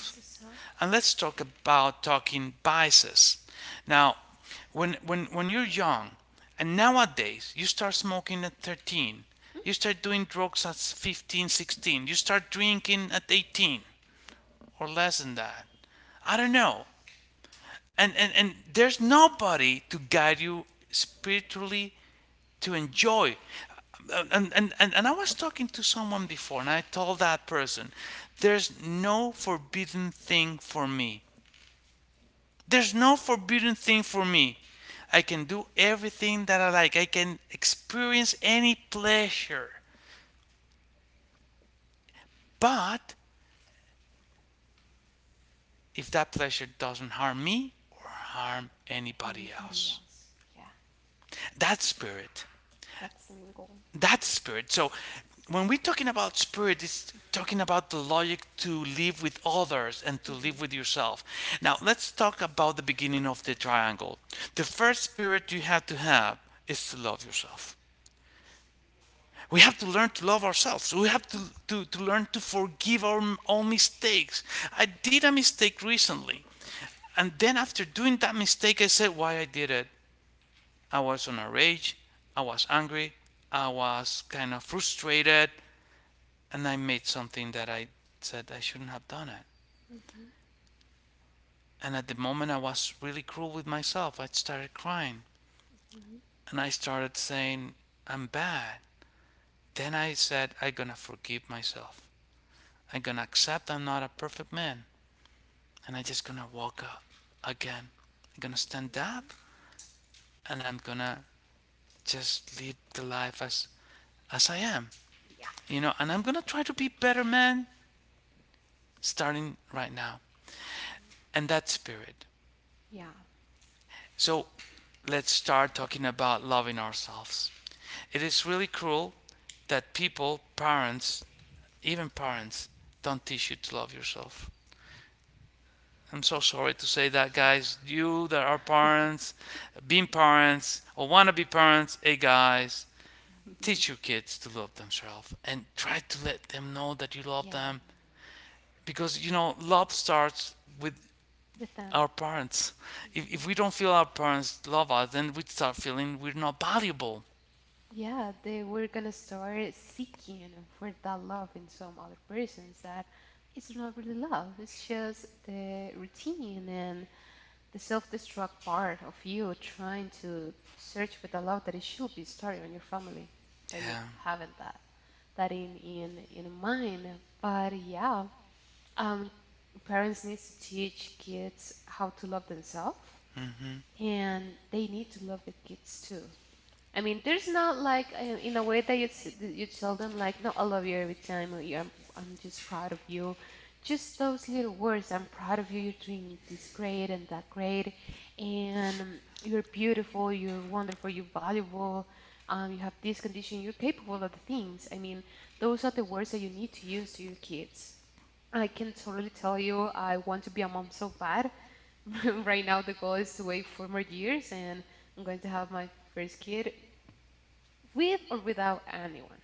Speaker 1: is a self.
Speaker 2: And let's talk about talking biases. Now, when you're young, and nowadays you start smoking at 13, you start doing drugs at 15, 16, you start drinking at 18 or less than that. I don't know. And, there's nobody to guide you spiritually to enjoy. And I was talking to someone before, and I told that person, "There's no forbidden thing for me. There's no forbidden thing for me. I can do everything that I like. I can experience any pleasure. But if that pleasure doesn't harm me or harm anybody
Speaker 1: Anybody
Speaker 2: else,
Speaker 1: else? Yeah.
Speaker 2: that spirit
Speaker 1: That's the main goal.
Speaker 2: That spirit." So when we're talking about spirit, it's talking about the logic to live with others and to
Speaker 1: Hmm.
Speaker 2: live with yourself. Now, let's talk about the beginning of the triangle. The first spirit you have to have is to love yourself. We have to learn to love ourselves. We have to learn to forgive our own mistakes. I did a mistake recently, and then after doing that mistake, I said why I did it. I was on a rage. I was angry. I was kind of frustrated, and I made something that I said I shouldn't have done it.
Speaker 1: Hmm.
Speaker 2: And at the moment, I was really cruel with myself. I started crying and I started saying, I'm bad. Then I said, I'm gonna forgive myself. I'm gonna accept I'm not a perfect man, and I'm just gonna walk up again. I'm gonna stand
Speaker 1: Hmm.
Speaker 2: up and I'm gonna just live the life as, I am,
Speaker 1: Yeah.
Speaker 2: you know, and I'm gonna try to be better man starting right now. And that spirit.
Speaker 1: Yeah.
Speaker 2: So let's start talking about loving ourselves. It is really cruel that people, parents, even parents, don't teach you to love yourself. I'm so sorry to say that,
Speaker 1: Yeah.
Speaker 2: guys. You that are parents, being parents, or wanna be parents, hey guys, teach your kids to love themselves and try to let them know that you love
Speaker 1: Yeah.
Speaker 2: them. Because, you know, love starts with
Speaker 1: With them.
Speaker 2: our parents. If we
Speaker 1: Mhm.
Speaker 2: don't feel our parents love us, then we start feeling we're not valuable.
Speaker 1: Yeah, they were gonna start seeking for that love in some other persons that it's not really love. It's just the routine and the self-destruct part of you trying to search for the love that it should be starting on your family, but you
Speaker 2: Yeah.
Speaker 1: haven't that in mind. But yeah, Um, parents need to teach kids how to love themselves,
Speaker 2: Mm-hmm.
Speaker 1: and they need to love their kids too. I mean, there's not like in a way that you that you tell them like, "No, I love you every time," or "I'm just proud of you." Just those little words, "I'm proud of you. You're doing this great and that great, and you're beautiful. You're wonderful. You're valuable. You have this condition. You're capable of the things." I mean, those are the words that you need to use to your kids. I can totally tell you, I want to be a mom so bad. Right now, the goal is to wait 4 more years, and I'm going to have my first kid with or without anyone.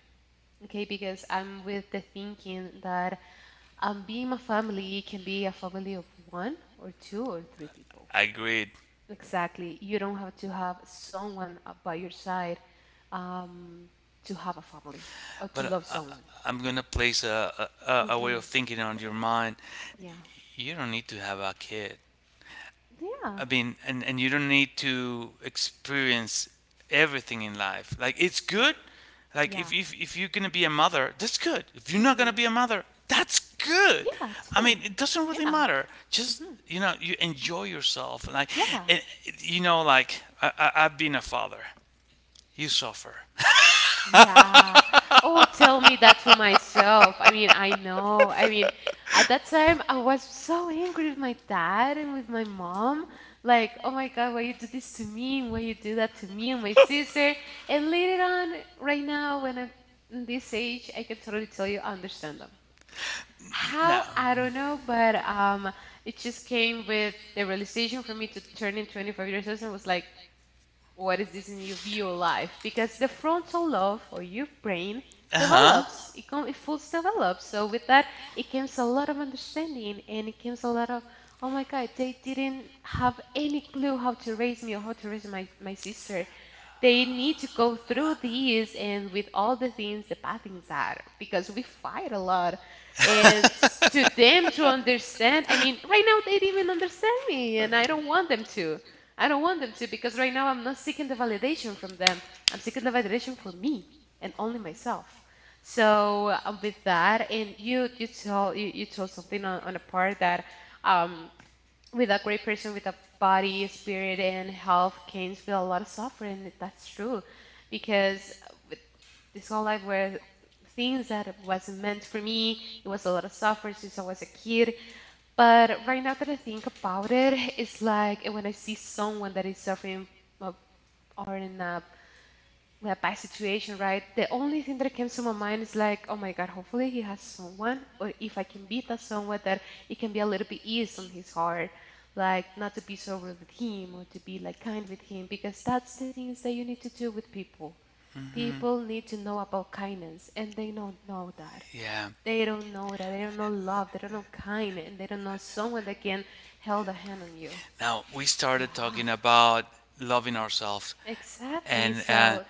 Speaker 1: Okay, because I'm with the thinking that being a family can be a family of one or two or three people.
Speaker 2: Agreed.
Speaker 1: Exactly. You don't have to have someone by your side um, to have a family or to
Speaker 2: But
Speaker 1: love
Speaker 2: I,
Speaker 1: someone.
Speaker 2: I'm gonna place a, a way
Speaker 1: Hmm.
Speaker 2: of thinking on your mind.
Speaker 1: Yeah.
Speaker 2: You don't need to have a kid,
Speaker 1: Yeah.
Speaker 2: I mean, and you don't need to experience everything in life. Like, it's
Speaker 1: Yeah.
Speaker 2: good. Like,
Speaker 1: Yeah.
Speaker 2: if if you're gonna be a mother, that's good. If you're not gonna
Speaker 1: Hmm.
Speaker 2: be a mother, that's good.
Speaker 1: Yeah,
Speaker 2: I
Speaker 1: too.
Speaker 2: mean, it doesn't really
Speaker 1: Yeah.
Speaker 2: matter. Just,
Speaker 1: Hmm.
Speaker 2: you know, you enjoy yourself. Like,
Speaker 1: Yeah.
Speaker 2: and, you know, like I've been a father. You suffer.
Speaker 1: Yeah. Oh, tell me that to myself. I mean, I know. I mean, at that time, I was so angry with my dad and with my mom. Like, oh my God, why you do this to me? And why you do that to me and my sister? And later on, right now, when I'm in this age, I can totally tell you, I understand them.
Speaker 2: No.
Speaker 1: How? I don't know, but it just came with the realization for me to turn in 25 years old and was like, what is this in your view of life? Because the frontal lobe or your brain
Speaker 2: Uh huh.
Speaker 1: develops, it, it fully develops. So with that, it comes a lot of understanding and it comes a lot of, oh my God, they didn't have any clue how to raise me or how to raise my sister. They need to go through these and with all the things, the bad things are because we fight a lot. To them to understand, I mean, right now they didn't even understand me and I don't want them to. I don't want them to because right now I'm not seeking the validation from them. I'm seeking the validation for me and only myself. So with that, and you told something on, a part that um, with a great person with a body, spirit, and health, canes feel a lot of suffering. That's true, because with this whole life where things that wasn't meant for me. It was a lot of suffering since I was a kid. But right now that I think about it, it's like when I see someone that is suffering uh, or in a bad situation, right? The only thing that comes to my mind is like, oh my God, hopefully he has someone, or if I can be that someone, that it can be a little bit ease on his heart, like not to be so rude with him or to be like kind with him, because that's the things that you need to do with people.
Speaker 2: Hmm.
Speaker 1: People need to know about kindness, and they don't know that.
Speaker 2: Yeah.
Speaker 1: They don't know that. They don't know love. They don't know kind, and they don't know someone that can hold a hand on you.
Speaker 2: Now we
Speaker 1: Yeah,
Speaker 2: started talking about loving ourselves,
Speaker 1: exactly.
Speaker 2: and
Speaker 1: So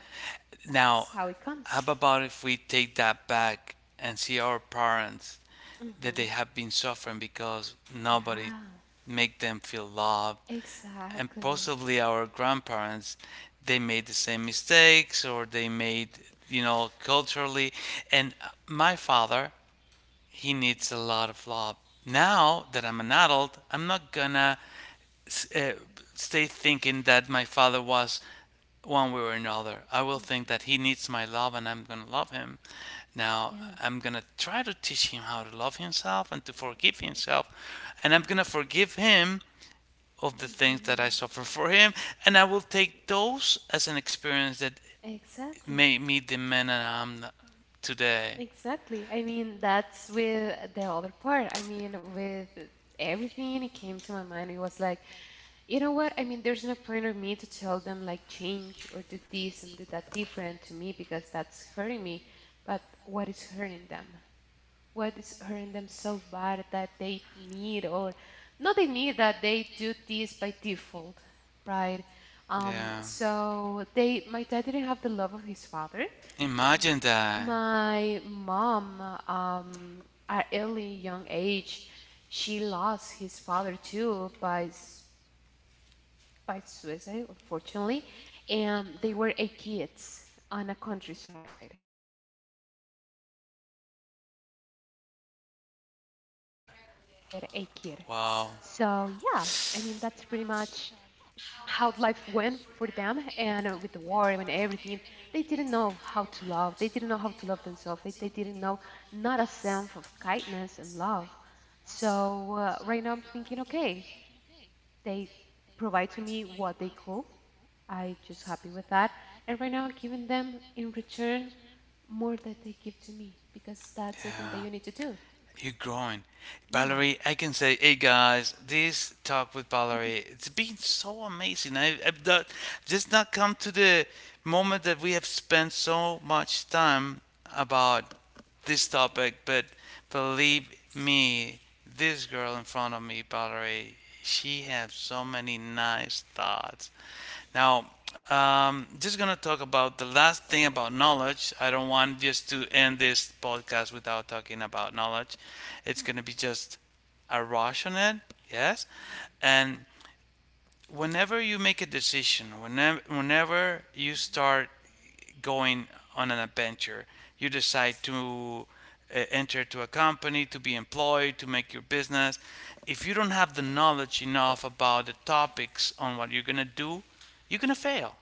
Speaker 2: now
Speaker 1: that's how it
Speaker 2: how
Speaker 1: comes.
Speaker 2: about if we take that back and see our parents that they
Speaker 1: hmm
Speaker 2: have been suffering because nobody
Speaker 1: Yeah,
Speaker 2: make them feel loved, and
Speaker 1: exactly.
Speaker 2: possibly our grandparents they made the same mistakes or they made, you know, culturally, and my father, he needs a lot of love. Now that I'm an adult, I'm not gonna uh, stay thinking that my father was one way or another. I will think that he
Speaker 1: Mhm.
Speaker 2: needs my love and I'm going to love him. Now,
Speaker 1: Yeah,
Speaker 2: I'm going to try to teach him how to love himself and to forgive himself. And
Speaker 1: yeah.
Speaker 2: I'm going to forgive him of the things that I
Speaker 1: Mhm.
Speaker 2: suffer for him. And I will take those as an experience that
Speaker 1: Exactly.
Speaker 2: made me the man that I am today.
Speaker 1: Exactly. I mean, that's with the other part. I mean, with everything it came to my mind, it was like, you know what? I mean, there's no point of me to tell them like change or do this and do that different to me because that's hurting me. But what is hurting them? What is hurting them so bad that they need or not they need that they do this by default, right? Um,
Speaker 2: Yeah.
Speaker 1: so my dad didn't have the love of his father.
Speaker 2: Imagine that.
Speaker 1: My mom, um, at early young age, she lost his father too by suicide, unfortunately, and they were 8 kids on a countryside, with my
Speaker 2: Imagine
Speaker 1: grandma being
Speaker 2: that.
Speaker 1: pregnant with their 8 kid.
Speaker 2: Wow.
Speaker 1: So yeah, I mean that's pretty much how life went for them, and with the war and everything, they didn't know how to love. They didn't know how to love themselves. They didn't know not a sense of kindness and love. So right now I'm thinking, okay, they provide to me what they could. I just happy with that. And right now I'm giving them in return more that they give to me because that's the thing that
Speaker 2: Yeah.
Speaker 1: you need to do.
Speaker 2: You're growing.
Speaker 1: Yeah,
Speaker 2: Valerie, I can say, hey guys, this talk with Valerie, it's been so amazing. I've done, just not come to the moment that we have spent so much time about this topic, but believe me, this girl in front of me, Valerie, she has so many nice thoughts. Now, just gonna talk about the last thing about knowledge. I don't want just to end this podcast without talking about knowledge. It's gonna be just a rush on it, yes. And whenever you make a decision, whenever you start going on an adventure, you decide to enter to a company, to be employed, to make your business. If you don't have the knowledge enough about the topics on what you're gonna do, you're gonna fail.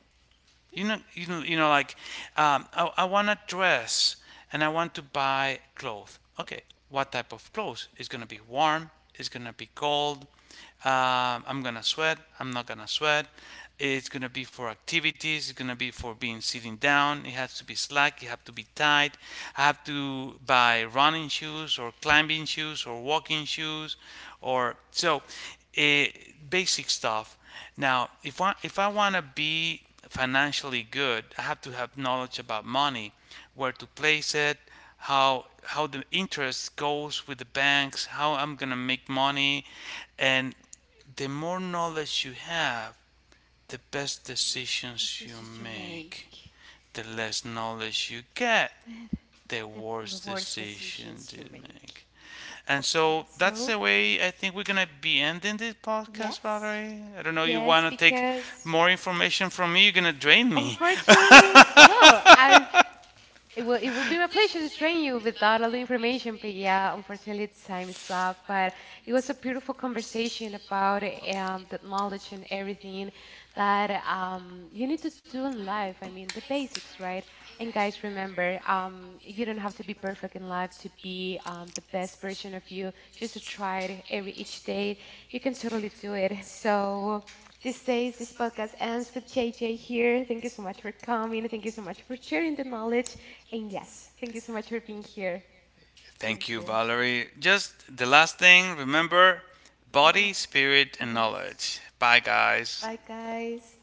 Speaker 2: Like I, want a dress and I want to buy clothes. Okay, what type of clothes? It's gonna be warm. It's gonna be cold. I'm gonna sweat. I'm not gonna sweat. It's gonna be for activities. It's gonna be for being sitting down. It has to be slack. It have to be tight. I have to buy running shoes or climbing shoes or walking shoes, or so eh, basic stuff. Now, if I wanna be financially good, I have to have knowledge about money, where to place it, how the interest goes with the banks, how I'm gonna make money, and the more knowledge you have, the best
Speaker 1: the
Speaker 2: decisions you
Speaker 1: pieces you
Speaker 2: make.
Speaker 1: make,
Speaker 2: The less knowledge you get, the
Speaker 1: the
Speaker 2: worse
Speaker 1: the worst
Speaker 2: decisions
Speaker 1: decisions
Speaker 2: you
Speaker 1: you make.
Speaker 2: make. And so that's
Speaker 1: So
Speaker 2: the way I think we're gonna be ending this podcast,
Speaker 1: yes.
Speaker 2: Valerie. I don't know. You
Speaker 1: Yes,
Speaker 2: wanna take
Speaker 1: because
Speaker 2: more information from me? You're gonna drain me.
Speaker 1: unfortunately, well, I've it will, it will be my pleasure to train you without all the information, but yeah, unfortunately, time is up. But it was a beautiful conversation about the knowledge and everything that you need to do in life. I mean, the basics, right? And guys, remember, you don't have to be perfect in life to be the best version of you. Just to try it every each day. You can totally do it. So. This days, this podcast ends with JJ here. Thank you so much for coming. Thank you so much for sharing the knowledge. And yes, thank you so much for being here.
Speaker 2: Thank
Speaker 1: Thank
Speaker 2: you,
Speaker 1: you.
Speaker 2: Valerie. Just the last thing, remember body,
Speaker 1: Mhm.
Speaker 2: spirit, and
Speaker 1: But I'm excited.
Speaker 2: knowledge. Bye, guys.
Speaker 1: Bye, guys.